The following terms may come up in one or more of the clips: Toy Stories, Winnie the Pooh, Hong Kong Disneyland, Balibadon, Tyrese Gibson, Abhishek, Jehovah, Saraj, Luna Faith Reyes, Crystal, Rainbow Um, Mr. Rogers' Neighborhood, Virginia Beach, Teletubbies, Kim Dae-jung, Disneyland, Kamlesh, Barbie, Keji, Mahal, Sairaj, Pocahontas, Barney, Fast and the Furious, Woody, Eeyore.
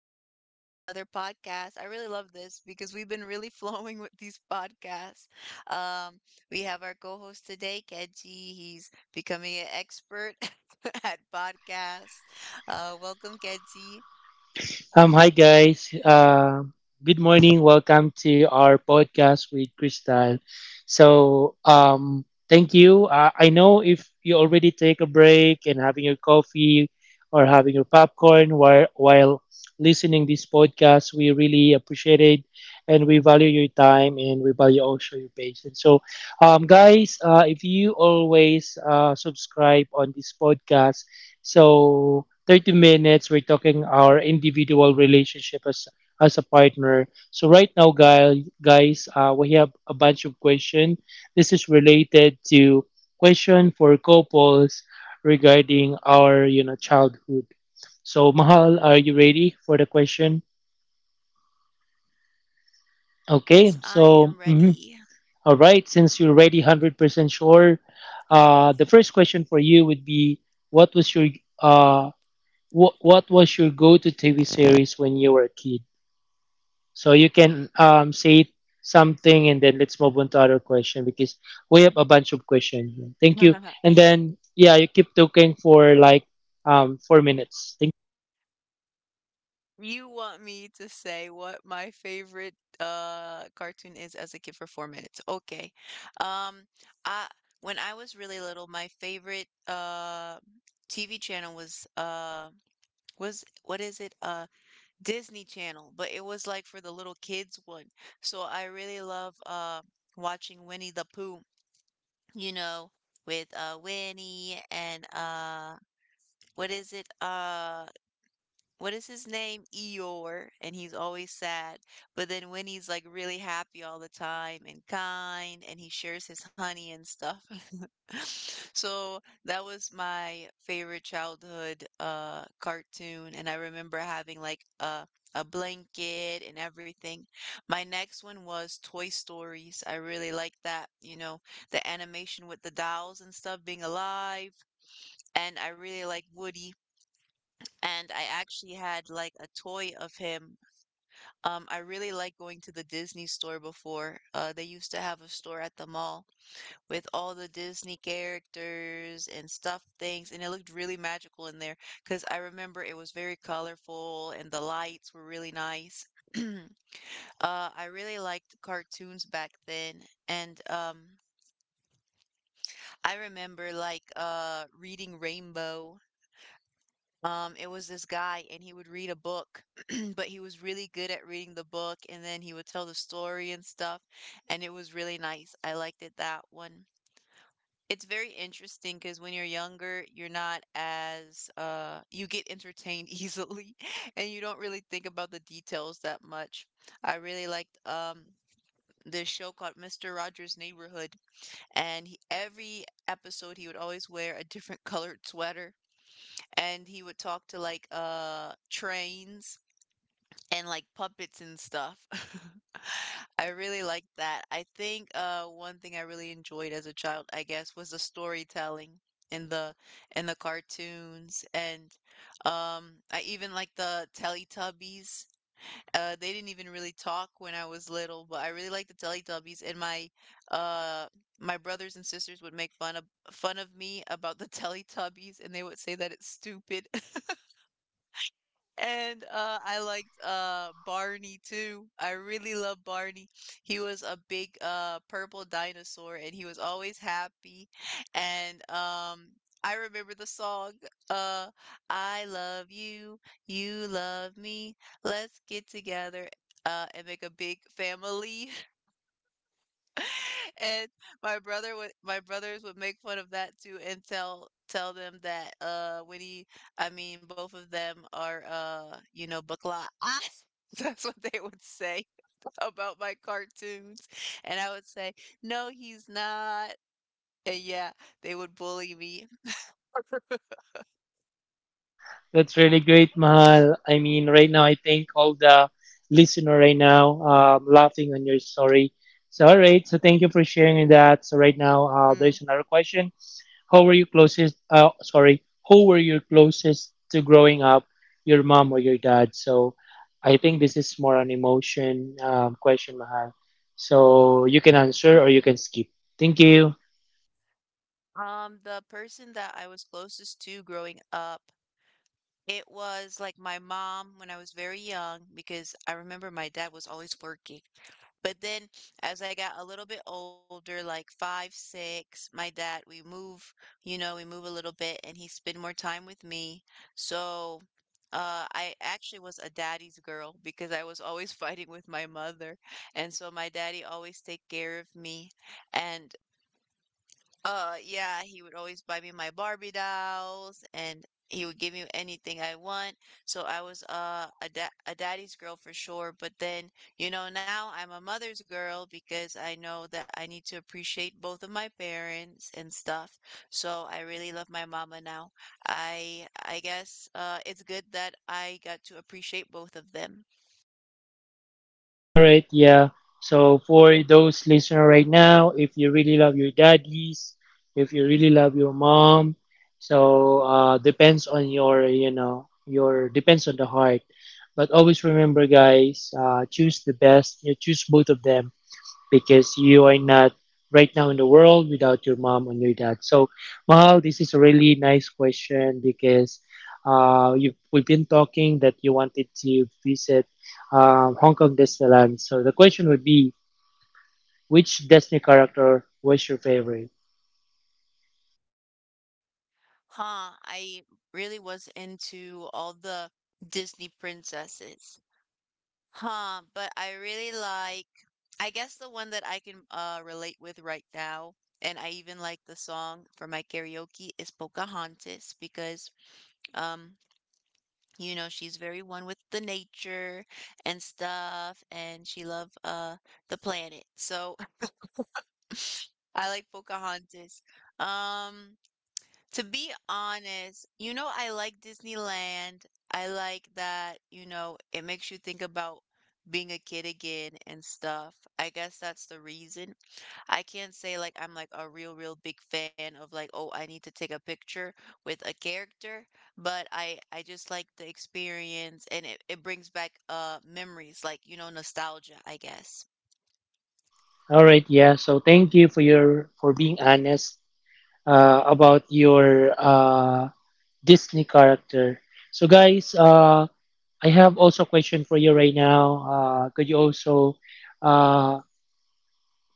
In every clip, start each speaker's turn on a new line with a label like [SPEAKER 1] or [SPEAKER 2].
[SPEAKER 1] welcome to another podcast. I really love this because we've been really flowing with these podcasts. Um, we have our co-host today, Keji. He's becoming an expert at podcasts. Welcome, Keji.
[SPEAKER 2] Hi guys. Good morning. Welcome to our podcast with Crystal. So, thank you. I know if you already take a break and having your coffee or having your popcorn while listening this podcast, we really appreciate it, and we value your time and we value also your patience. So, guys, if you always subscribe on this podcast so 30 minutes, we're talking our individual relationship as a partner. So right now, guys, we have a bunch of question. This is related to question for couples regarding our childhood. So Mahal, are you ready for the question? Okay,
[SPEAKER 1] Yes, I
[SPEAKER 2] so
[SPEAKER 1] am ready.
[SPEAKER 2] all right, since you're ready, 100% sure, the first question for you would be, what was your uh, what was your go-to TV series when you were a kid? So you can say something and then let's move on to other question because we have a bunch of questions. Thank you. And then yeah, you keep talking for like 4 minutes. Thank.
[SPEAKER 1] You want me to say what my favorite cartoon is as a kid for 4 minutes. Okay. Um I When I was really little, my favorite TV channel was what is it? Disney Channel, but it was like for the little kids one. So I really love watching Winnie the Pooh, you know, with Winnie and what is it? What is his name? Eeyore, and he's always sad. But then Winnie's like really happy all the time and kind, and he shares his honey and stuff. So that was my favorite childhood cartoon, and I remember having like a blanket and everything. My next one was Toy Stories. I really like that, you know, the animation with the dolls and stuff being alive, and I really like Woody and I actually had like a toy of him. I really like going to the Disney store before. They used to have a store at the mall with all the Disney characters and stuffed things, and it looked really magical in there because I remember it was very colorful and the lights were really nice. I really liked cartoons back then, and I remember like reading Rainbow. It was this guy, and he would read a book, but he was really good at reading the book, and then he would tell the story and stuff, and it was really nice. I liked it that one. It's very interesting because when you're younger, you're not as you get entertained easily, and you don't really think about the details that much. I really liked this show called Mr. Rogers' Neighborhood, and he, every episode he would always wear a different colored sweater and he would talk to like trains and like puppets and stuff. I really liked that. I think one thing I really enjoyed as a child, I guess, was the storytelling in the cartoons and I even like the Teletubbies. They didn't even really talk when I was little, but I really liked the Teletubbies and uh my brothers and sisters would make fun of me about the Teletubbies and they would say that it's stupid. And I liked Barney too. I really love Barney. He was a big purple dinosaur, and he was always happy. And I remember the song, uh, "I love you, you love me. Let's get together and make a big family." And my brothers would make fun of that too and tell them that when he I mean both of them are you know bakla. That's what they would say about my cartoons. And I would say, "No, he's not." And yeah, they would bully me.
[SPEAKER 2] That's really great, Mahal. I mean, right now I think all the listener right now laughing on your story. So all right, so thank you for sharing that. So right now,
[SPEAKER 1] Mm.
[SPEAKER 2] there's another question. How were you closest? Sorry, who were you closest to growing up, your mom or your dad? So, I think this is more an emotion question, Mahal. So you can answer or you can skip. Thank you.
[SPEAKER 1] The person that I was closest to growing up, it was like my mom when I was very young, because I remember my dad was always working. But then as I got a little bit older, like five, six, my dad, we move, you know, we move a little bit and he spend more time with me. So I actually was a daddy's girl because I was always fighting with my mother. And so my daddy always take care of me. And yeah, he would always buy me my Barbie dolls and he would give me anything I want. So I was a daddy's girl for sure, but then, you know, now I'm a mother's girl because I know that I need to appreciate both of my parents and stuff. So I really love my mama now. I guess it's good that I got to appreciate both of them.
[SPEAKER 2] All right, yeah. So for those listening right now, if you really love your daddies, if you really love your mom, so depends on your, depends on the heart. But always remember, guys, choose the best. You choose both of them because you are not right now in the world without your mom and your dad. So, Mahal, this is a really nice question because you we've been talking that you wanted to visit Hong Kong Disneyland. So the question would be, which Disney character was your favorite?
[SPEAKER 1] Huh, I really was into all the Disney princesses. Huh, but I really like, I guess the one that I can relate with right now, and I even like the song for my karaoke is Pocahontas because um you know she's very one with the nature and stuff and she love the planet. So I like Pocahontas. Um To be honest, you know, I like Disneyland. I like that, you know, it makes you think about being a kid again and stuff. I guess that's the reason. I can't say like I'm like a real, real big fan of like, oh, I need to take a picture with a character, but I just like the experience and it brings back memories, like, you know, nostalgia, I guess.
[SPEAKER 2] All right, yeah. So thank you for your for being honest about your Disney character. So guys, I have also a question for you right now. Could you also uh,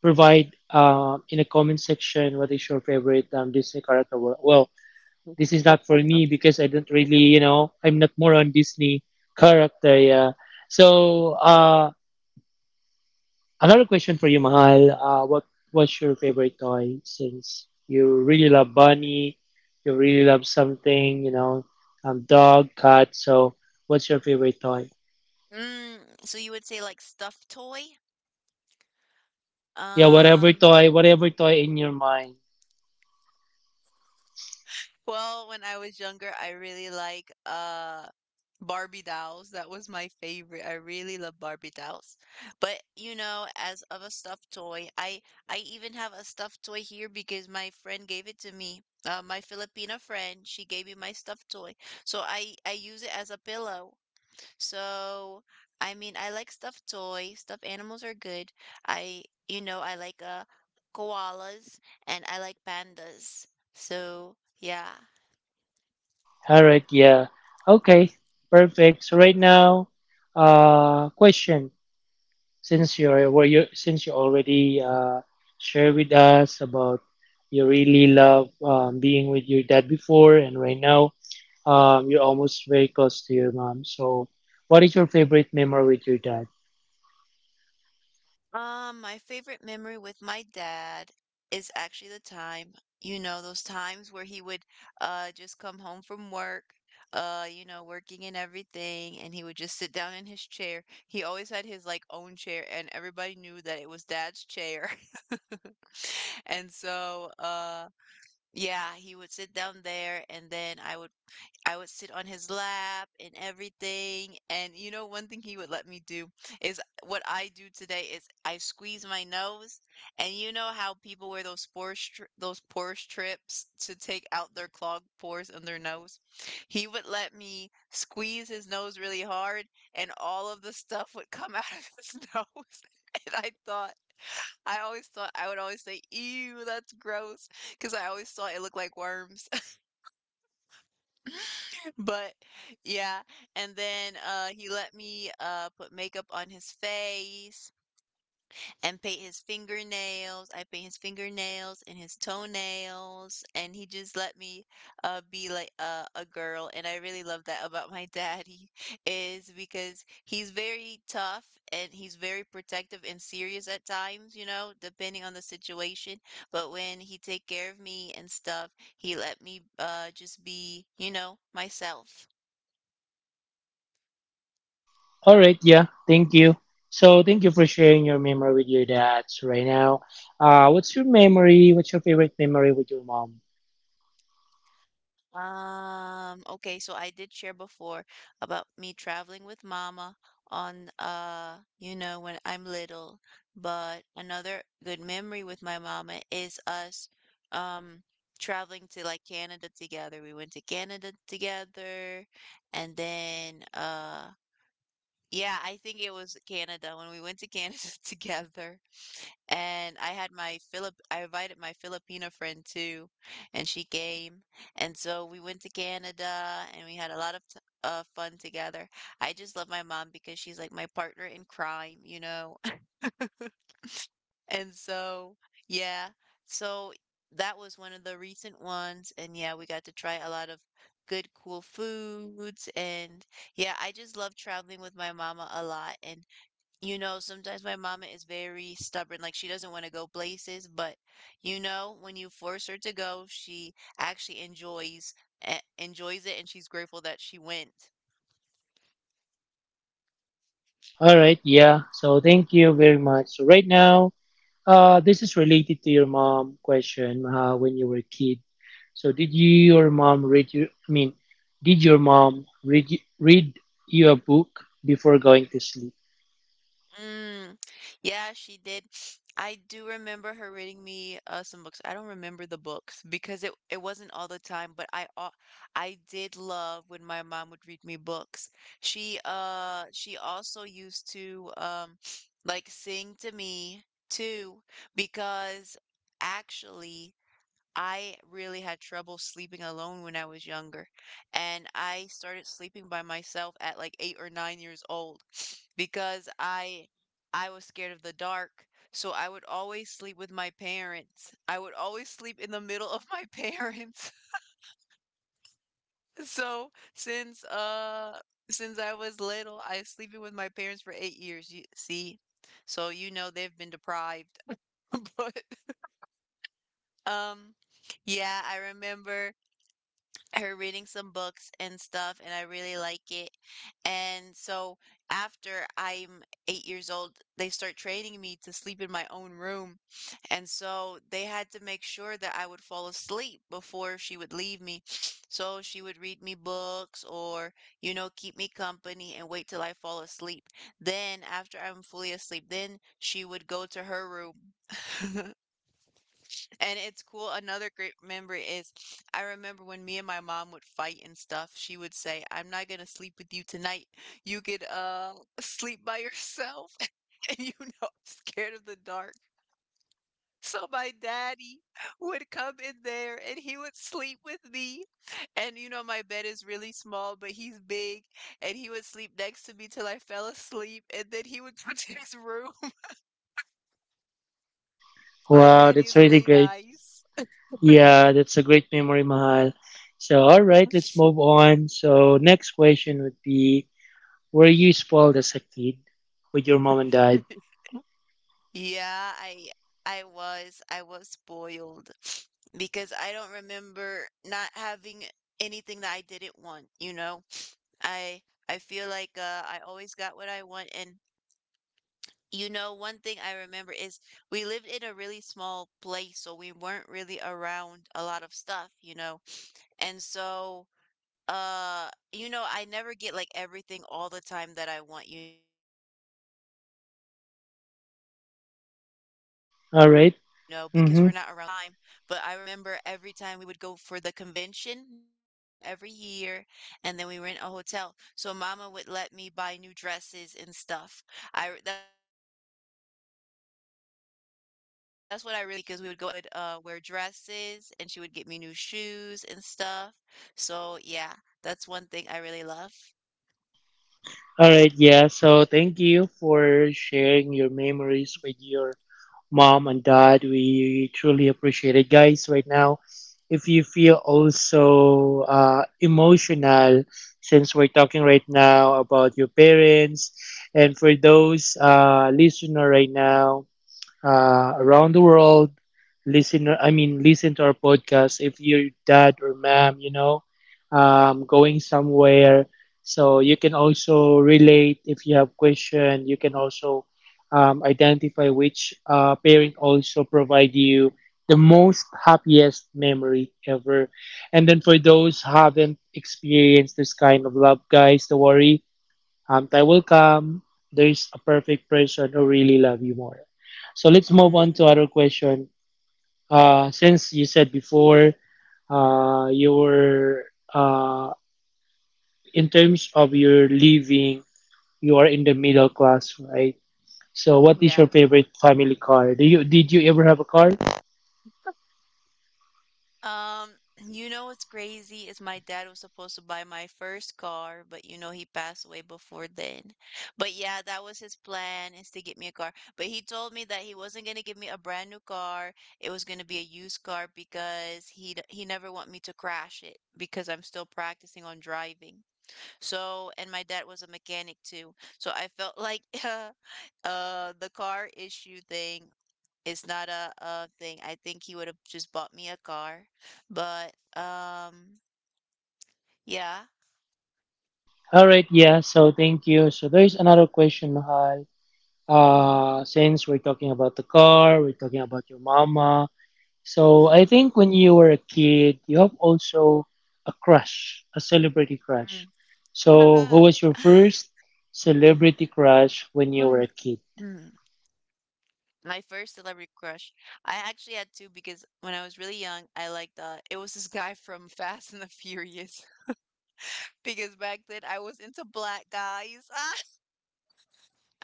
[SPEAKER 2] provide in the comment section what is your favorite Disney character? Well, this is not for me because I don't really, you know, I'm not more on Disney character. Yeah. So another question for you, Mahal. What's your favorite toy? Since you really love bunny, you really love something, you know, dog, cat. So what's your favorite toy?
[SPEAKER 1] Mm, so you would say like stuffed toy?
[SPEAKER 2] Yeah, whatever
[SPEAKER 1] Um,
[SPEAKER 2] toy, in your mind.
[SPEAKER 1] Well, when I was younger, I really like Barbie dolls. That was my favorite. I really love Barbie dolls. But you know, as of a stuffed toy, I even have a stuffed toy here because my friend gave it to me. My Filipina friend, she gave me my stuffed toy. So I use it as a pillow. So I mean, I like stuffed toys. Stuffed animals are good. I, you know, I like koalas and I like pandas. So, yeah.
[SPEAKER 2] All right, yeah. Okay, perfect. So right now, question. Since you already shared with us about you really love being with your dad before, and right now, you're almost very close to your mom. So, what is your favorite memory with your dad?
[SPEAKER 1] My favorite memory with my dad is actually the time, you know, those times where he would just come home from work, you know, working and everything, and he would just sit down in his chair. He always had his like own chair, and everybody knew that it was dad's chair. And so, yeah, he would sit down there, and then I would sit on his lap and everything. And you know, one thing he would let me do is what I do today is I squeeze my nose. And you know how people wear those pore strips to take out their clogged pores in their nose. He would let me squeeze his nose really hard, and all of the stuff would come out of his nose. And I always thought I would always say, "Ew, that's gross," because I always thought it looked like worms, but yeah, and then he let me put makeup on his face and paint his fingernails. I paint his fingernails and his toenails and he just let me be like a girl and I really love that about my daddy is because he's very tough and he's very protective and serious at times, you know, depending on the situation. But when he take care of me and stuff, he let me just be, you know, myself.
[SPEAKER 2] All right, yeah, thank you. So, thank you for sharing your memory with your dad right now. What's your memory? What's your favorite memory with your mom?
[SPEAKER 1] Okay, so I did share before about me traveling with mama on you know, when I'm little, but another good memory with my mama is us um traveling to like Canada together. We went to Canada together and then yeah, I think it was Canada when we went to Canada together. And I had my Philip I invited my Filipina friend too, and she came. And so we went to Canada and we had a lot of t fun together. I just love my mom because she's like my partner in crime, you know? And so, yeah, so that was one of the recent ones. And yeah, we got to try a lot of good, cool foods. And yeah, I just love traveling with my mama a lot. And you know, sometimes my mama is very stubborn, like she doesn't want to go places, but you know, when you force her to go, she actually enjoys, enjoys it and she's grateful that she went.
[SPEAKER 2] All right, yeah, so thank you very much. So, right now, this is related to your mom question when you were a kid. So, your mom read you? I mean, did your mom read you a book before going to sleep?
[SPEAKER 1] Mm. Yeah, she did. I do remember her reading me some books. I don't remember the books because it wasn't all the time, but I did love when my mom would read me books. She also used to like sing to me too because actually I really had trouble sleeping alone when I was younger, and I started sleeping by myself at like 8 or 9 years old because I was scared of the dark. So I would always sleep with my parents. I would always sleep in the middle of my parents. So since I was little, I was sleeping with my parents for 8 years, you see. So you know they've been deprived. But um yeah, I remember her reading some books and stuff, and I really like it. And so after I'm 8 years old, they start training me to sleep in my own room. And so they had to make sure that I would fall asleep before she would leave me. So she would read me books or, you know, keep me company and wait till I fall asleep. Then, after I'm fully asleep, then she would go to her room. And it's cool. Another great memory is I remember when me and my mom would fight and stuff, she would say, I'm not gonna sleep with you tonight. You could sleep by yourself and you know I'm scared of the dark. So my daddy would come in there and he would sleep with me. And you know my bed is really small, but he's big and he would sleep next to me till I fell asleep and then he would go to his room. My
[SPEAKER 2] Wow,
[SPEAKER 1] daddy
[SPEAKER 2] that's
[SPEAKER 1] is
[SPEAKER 2] really
[SPEAKER 1] really
[SPEAKER 2] great.
[SPEAKER 1] nice.
[SPEAKER 2] Yeah, that's a great memory, Mahal. So, all right, let's move on. So, next question would be, were you spoiled as a kid with your mom and dad?
[SPEAKER 1] Yeah, I was spoiled because I don't remember not having anything that I didn't want, you know? I I feel like I always got what I want, and you know one thing I remember is we lived in a really small place, so we weren't really around a lot of stuff, you know? And so you know, I never get like everything all the time that I want, you know, because we're not around stores. I'm not influenced to, you know, want
[SPEAKER 2] All
[SPEAKER 1] something
[SPEAKER 2] right.
[SPEAKER 1] all the time.
[SPEAKER 2] Mm-hmm.
[SPEAKER 1] But I remember every time we would go for the convention, because we would go every year and then we rent a hotel. So mama would let me buy new dresses and stuff. That's what I really look forward to is going to the convention, because every convention I would wear dresses and she would get me new shoes and stuff. So yeah, that's one thing I really love.
[SPEAKER 2] All right, yeah. So, thank you for sharing your memories with your mom and dad. We truly appreciate it, guys. Right now, if you feel also emotional, since we're talking right now about your parents, and for those listener right now, around the world listen I mean listen to our podcast if your dad or mom you know going somewhere so you can also relate if you have question you can also identify which parent also provide you the most happiest memory ever, and then for those haven't experienced this kind of love, guys, don't worry, anti will come. There's a perfect person who really love you more. So let's move on to other
[SPEAKER 1] Mm.
[SPEAKER 2] question. Since you said before, you were uh, in terms of your living, you are in the middle class, right? So what is
[SPEAKER 1] Yeah.
[SPEAKER 2] your favorite family car? Do you did you ever have a car?
[SPEAKER 1] Um, you know what's crazy is my dad was supposed to buy my first car, but you know he passed away before then. But yeah, that was his plan, is to get me a car. But he told me that he wasn't gonna give me a brand new car. It was gonna be a used car because he never want me to crash it because I'm still practicing on driving. So, and my dad was a mechanic too. So I felt like the car issue thing, it's not a thing. I think he would have just bought me a car. But um yeah.
[SPEAKER 2] All right, yeah. So thank you. So there's another question, Mahal.
[SPEAKER 1] Mm,
[SPEAKER 2] Since we're talking about the car, we're talking about your mama. So
[SPEAKER 1] mm,
[SPEAKER 2] I think when you were a kid, you have also a crush, a celebrity crush.
[SPEAKER 1] mm.
[SPEAKER 2] So who was your first celebrity crush when you were
[SPEAKER 1] Mm,
[SPEAKER 2] a kid?
[SPEAKER 1] mm. My first celebrity crush. I actually had two because when I was really young, I liked it was this guy from Fast and the Furious. Because back then I was into black guys.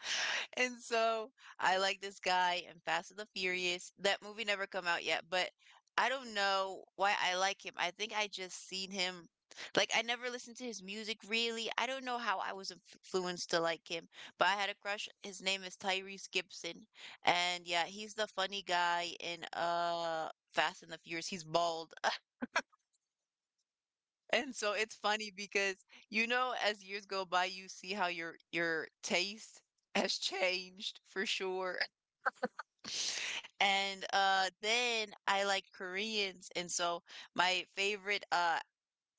[SPEAKER 1] And so I like this guy in Fast and the Furious. That movie never come out yet, but I don't know why I like him. I think I just seen him, like I never listened to his music really. I don't know how I was influenced to like him, but I had a crush. His name is Tyrese Gibson. And yeah, he's the funny guy in Fast and the Furious. He's bald. And so it's funny because you know, as years go by you see how your taste has changed for sure. And then I like Koreans, and so my favorite uh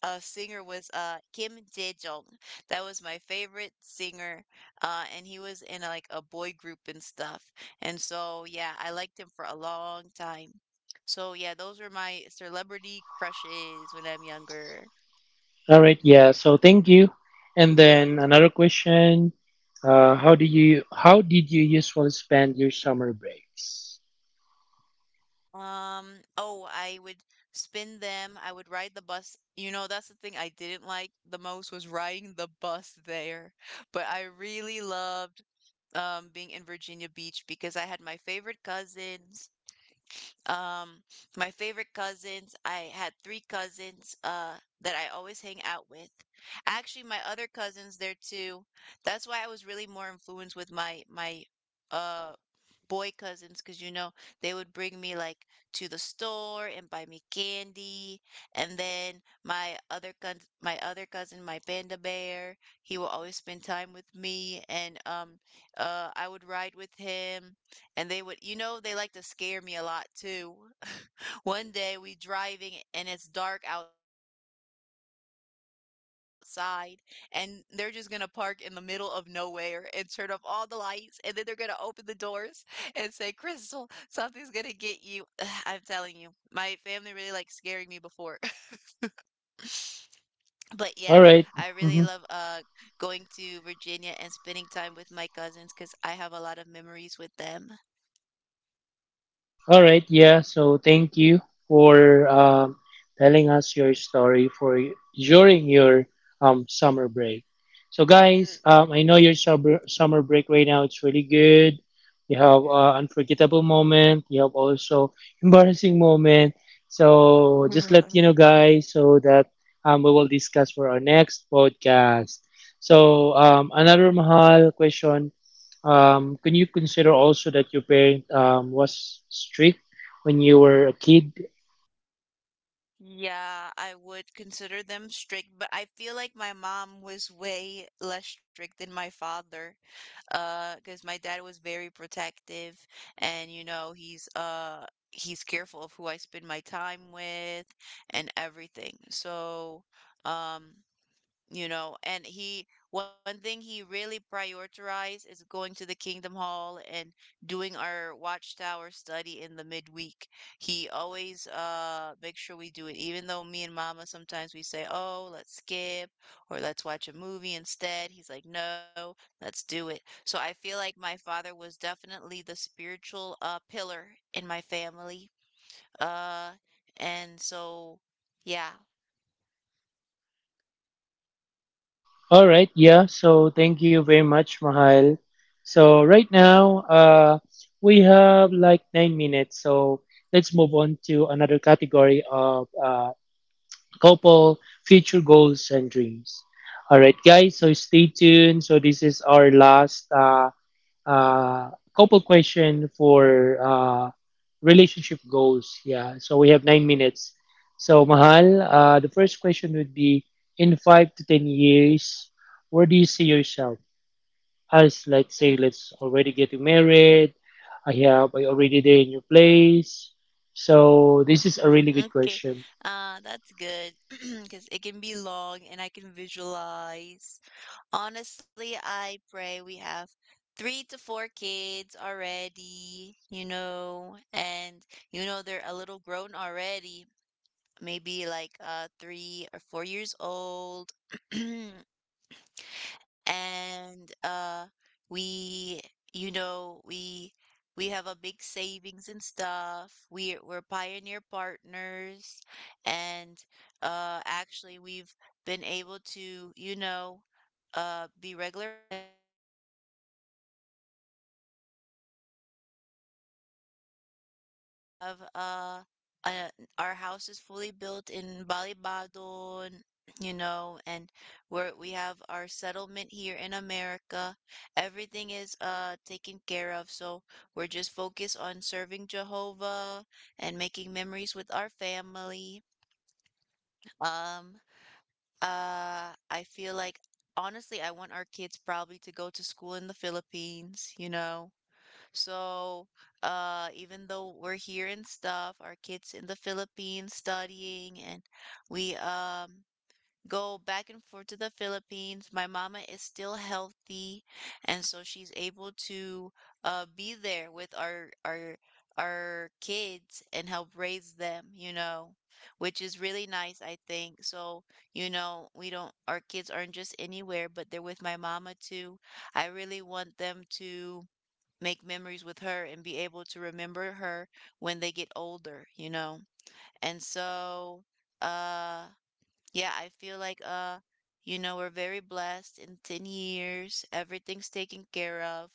[SPEAKER 1] uh singer was Kim Dae-jung. That was my favorite singer. And he was in like a boy group and stuff. And so yeah, I liked him for a long time. So yeah, those were my celebrity crushes when I'm younger.
[SPEAKER 2] All right, yeah. So thank you. And then another question: how did you usually spend your summer breaks?
[SPEAKER 1] Um, oh, I would spin them. I would ride the bus. You know, that's the thing I didn't like the most was riding the bus there. But I really loved being in Virginia Beach because I had my favorite cousins. Um, my favorite cousins. I had three cousins that I always hang out with. Actually, my other cousins there too. That's why I was really more influenced with my uh boy cousins, because you know they would bring me like to the store and buy me candy, and then my other cousin, my panda bear, he will always spend time with me. And I would ride with him, and they would, you know, they like to scare me a lot too. one day we driving and it's dark outside, and they're just gonna park in the middle of nowhere and turn off all the lights, and then they're gonna open the doors and say, Crystal, something's gonna get you. I'm telling you. My family really likes scaring me before. But yeah, I
[SPEAKER 2] All
[SPEAKER 1] really
[SPEAKER 2] right.
[SPEAKER 1] love going to Virginia and spending time with my cousins because I have a lot of memories with them.
[SPEAKER 2] All right, yeah. So thank you for telling us your story for during your summer break. So guys, I know your summer break right now. It's really good. You have unforgettable moment. You have also embarrassing moment. So just let
[SPEAKER 1] Mm.
[SPEAKER 2] you know, guys, so that we will discuss for our next podcast. So another mahal question, can you consider also that your parent was strict when you were a kid?
[SPEAKER 1] Yeah, I would consider them strict, but I feel like my mom was way less strict than my father. Because my dad was very protective, and you know, he's careful of who I spend my time with and everything. So, um, you know, and he, one thing he really prioritized is going to the kingdom hall and doing our watchtower study in the midweek. He always make sure we do it, even though me and mama sometimes we say, oh, let's skip or let's watch a movie instead. He's like, no, let's do it. So I feel like my father was definitely the spiritual pillar in my family. Uh and so yeah
[SPEAKER 2] All right, yeah. So thank you very much, Mahal. So right now, we have like 9 minutes. So let's move on to another category of couple future goals and dreams. All right, guys. So stay tuned. So this is our last. Uh, couple question for relationship goals. Yeah, so we have 9 minutes. So Mahal, the first question would be: in 5 to 10 years, where do you see yourself? As let's say, let's already getting married. I already there in your place. So this is a really
[SPEAKER 1] Mm,
[SPEAKER 2] good
[SPEAKER 1] okay.
[SPEAKER 2] question.
[SPEAKER 1] That's good, because it can be long and I can visualize. Honestly, I pray we have three to four kids already, you know, and you know they're a little grown already, maybe like three or four years old. And we, you know, we have a big savings and stuff. We're pioneer partners, and actually we've been able to, you know, be regular pioneers and travel and pioneer around the world. uh, we have, uh, our house is fully built in Balibadon, you know, and we have our settlement here in America. Everything is taken care of, so we're just focused on serving Jehovah and making memories with our family. Um, I feel like, honestly, I want our kids probably to go to school in the Philippines, you know, so, even though we're here and stuff, our kids in the Philippines studying, and we go back and forth to the Philippines. My mama is still healthy, and so she's able to be there with our our kids and help raise them, you know, which is really nice, I think. So, you know, we don't our kids aren't just anywhere, but they're with my mama too. I really want them to make memories with her and be able to remember her when they get older, you know? And so, uh, yeah, I feel like you know, we're very blessed. In 10 years, everything's taken care of.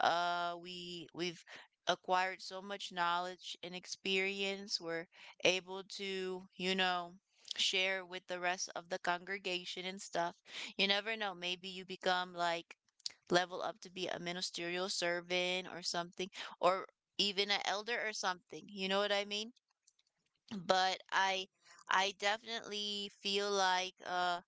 [SPEAKER 1] We we've acquired so much knowledge and experience. We're able to, you know, share with the rest of the congregation and stuff. You never know, maybe you become like, level up to be a ministerial servant or something, or even an elder or something. You know what I mean? But I definitely feel like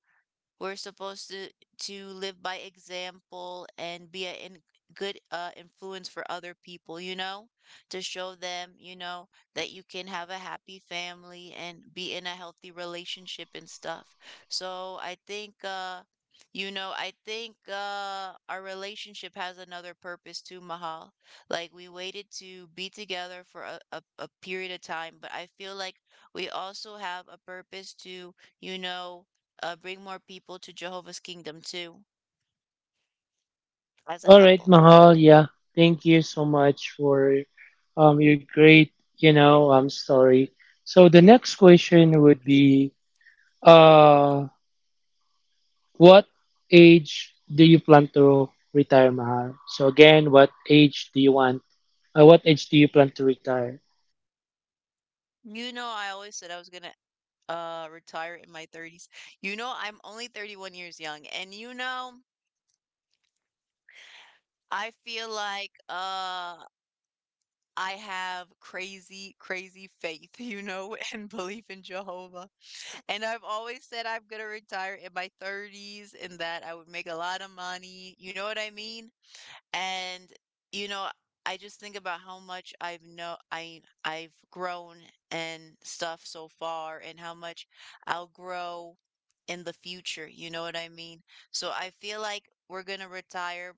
[SPEAKER 1] we're supposed to live by example and be a, in, good influence for other people, you know, to show them, you know, that you can have a happy family and be in a healthy relationship and stuff. So I think you know, I think our relationship has another purpose too, Mahal. Like we waited to be together for a period of time, but I feel like we also have a purpose to, you know, bring more people to Jehovah's Kingdom too, as a
[SPEAKER 2] All right,
[SPEAKER 1] couple.
[SPEAKER 2] Mahal. Yeah, thank you so much for your great, you know, story. So the next question would be, uh, what age do you plan to retire, Mahal? So again, what age do you want? What age do you plan to retire?
[SPEAKER 1] You know, I always said I was gonna retire in my 30s. You know, I'm only 31 years young, and you know, I feel like I have crazy, crazy faith, you know, and belief in Jehovah. And I've always said I'm gonna retire in my 30s and that I would make a lot of money. You know what I mean? And, you know, I just think about how much I've know I I've grown and stuff so far, and how much I'll grow in the future, you know what I mean? So I feel like we're gonna retire.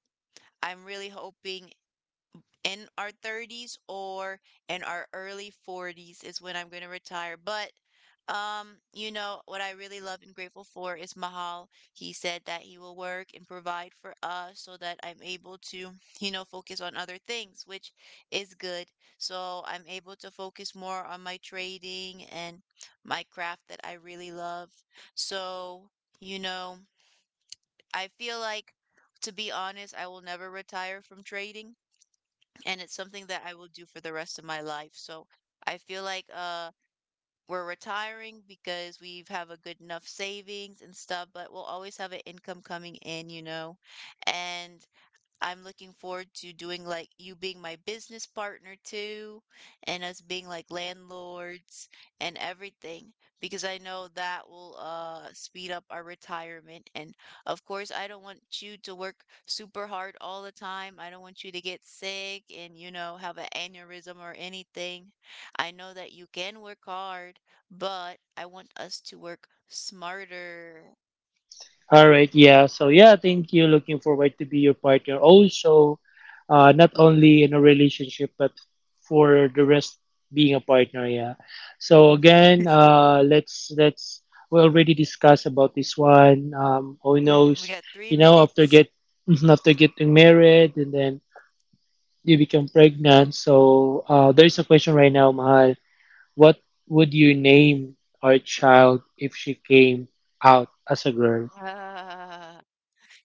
[SPEAKER 1] I'm really hoping in our 30s or in our early 40s is when I'm going to retire. But, you know, what I really love and grateful for is Mahal. He said that he will work and provide for us so that I'm able to, you know, focus on other things, which is good. So I'm able to focus more on my trading and my craft that I really love. So, you know, I feel like, to be honest, I will never retire from trading, and it's something that I will do for the rest of my life. So I feel like we're retiring because we've have a good enough savings and stuff, but we'll always have an income coming in. And I'm looking forward to doing like you being my business partner too, and us being like landlords and everything, because I know that will speed up our retirement. And of course, I don't want you to work super hard all the time. I don't want you to get sick and, have an aneurysm or anything. I know that you can work hard, but I want us to work smarter.
[SPEAKER 2] All right, yeah. So yeah, thank you. Looking forward to be your partner also, not only in a relationship but for the rest being a partner. Yeah. So
[SPEAKER 1] Mhm.
[SPEAKER 2] again, let's we already
[SPEAKER 1] Thr-
[SPEAKER 2] discussed about this one. Who
[SPEAKER 1] we
[SPEAKER 2] knows?
[SPEAKER 1] got three
[SPEAKER 2] You know, after
[SPEAKER 1] minutes.
[SPEAKER 2] get after getting married and then you become pregnant. So there is a question right now, Mahal. What would you name our child if she came out as a girl?
[SPEAKER 1] Ah.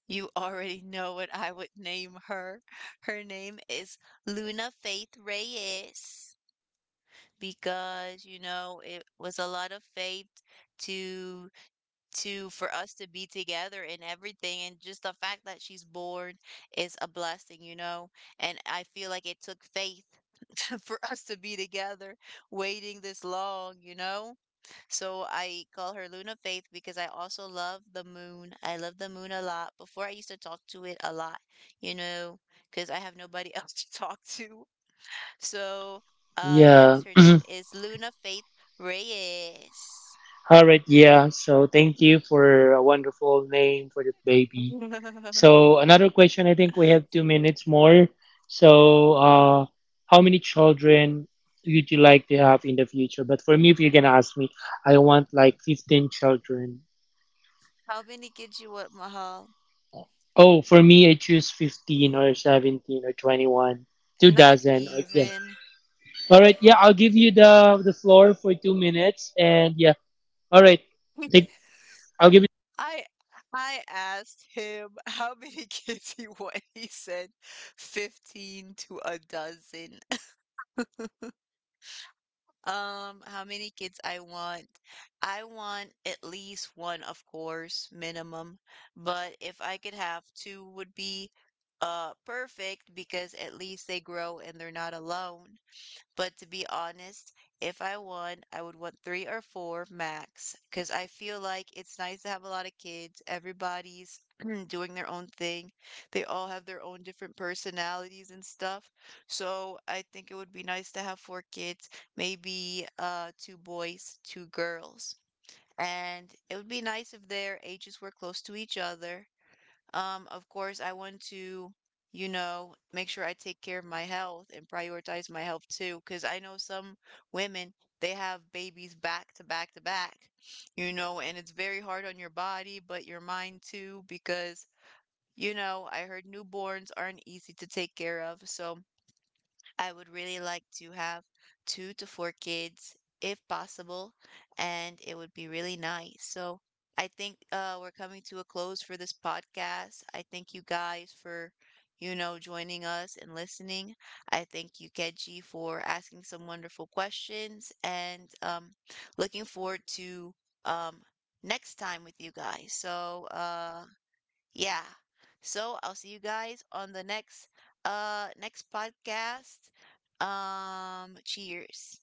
[SPEAKER 1] You already know what I would name her. Her name is Luna Faith Reyes because you know it was a lot of faith to to for us to be together and everything, and just the fact that she's born is a blessing. And I feel like it took faith for us to be together waiting this long, you know? So I call her Luna Faith because I also love the moon. I love the moon a lot. Before I used to talk to it a lot, you know, because I have nobody else to talk to. So, yes,
[SPEAKER 2] Yeah.
[SPEAKER 1] her name is Luna Faith Reyes.
[SPEAKER 2] All right, yeah. So thank you for a wonderful name for the baby. So another question. I think we have 2 minutes more. So, how many children would you like to have in the future? But for me, if you're gonna ask me, I want like 15 children.
[SPEAKER 1] How many kids you want, Mahal?
[SPEAKER 2] Oh, for me, I choose 15 or 17 or 21, two
[SPEAKER 1] Not
[SPEAKER 2] dozen. Okay.
[SPEAKER 1] even.
[SPEAKER 2] All right. Yeah, I'll give you the floor for 2 minutes, and yeah. All right. Take. I'll give you.
[SPEAKER 1] I I asked him how many kids he wanted. He said 15 to a dozen. How many kids I want? I want at least one, of course, minimum. But if I could have two would be perfect because at least they grow and they're not alone. But to be honest, if I won, I would want three or four max because I feel like it's nice to have a lot of kids. Everybody's doing their own thing. They all have their own different personalities and stuff. So I think it would be nice to have four kids, maybe two boys, two girls. And it would be nice if their ages were close to each other. Of course, I want to, make sure I take care of my health and prioritize my health too, because I know some women, they have babies back to back to back, you know, and it's very hard on your body, but your mind too, because, I heard newborns aren't easy to take care of. So I would really like to have two to four kids if possible, and it would be really nice. So I think we're coming to a close for this podcast. I thank you guys for, joining us and listening. I thank you, Keji, for asking some wonderful questions and looking forward to um, next time with you guys. So yeah. So I'll see you guys on the next next podcast. Cheers.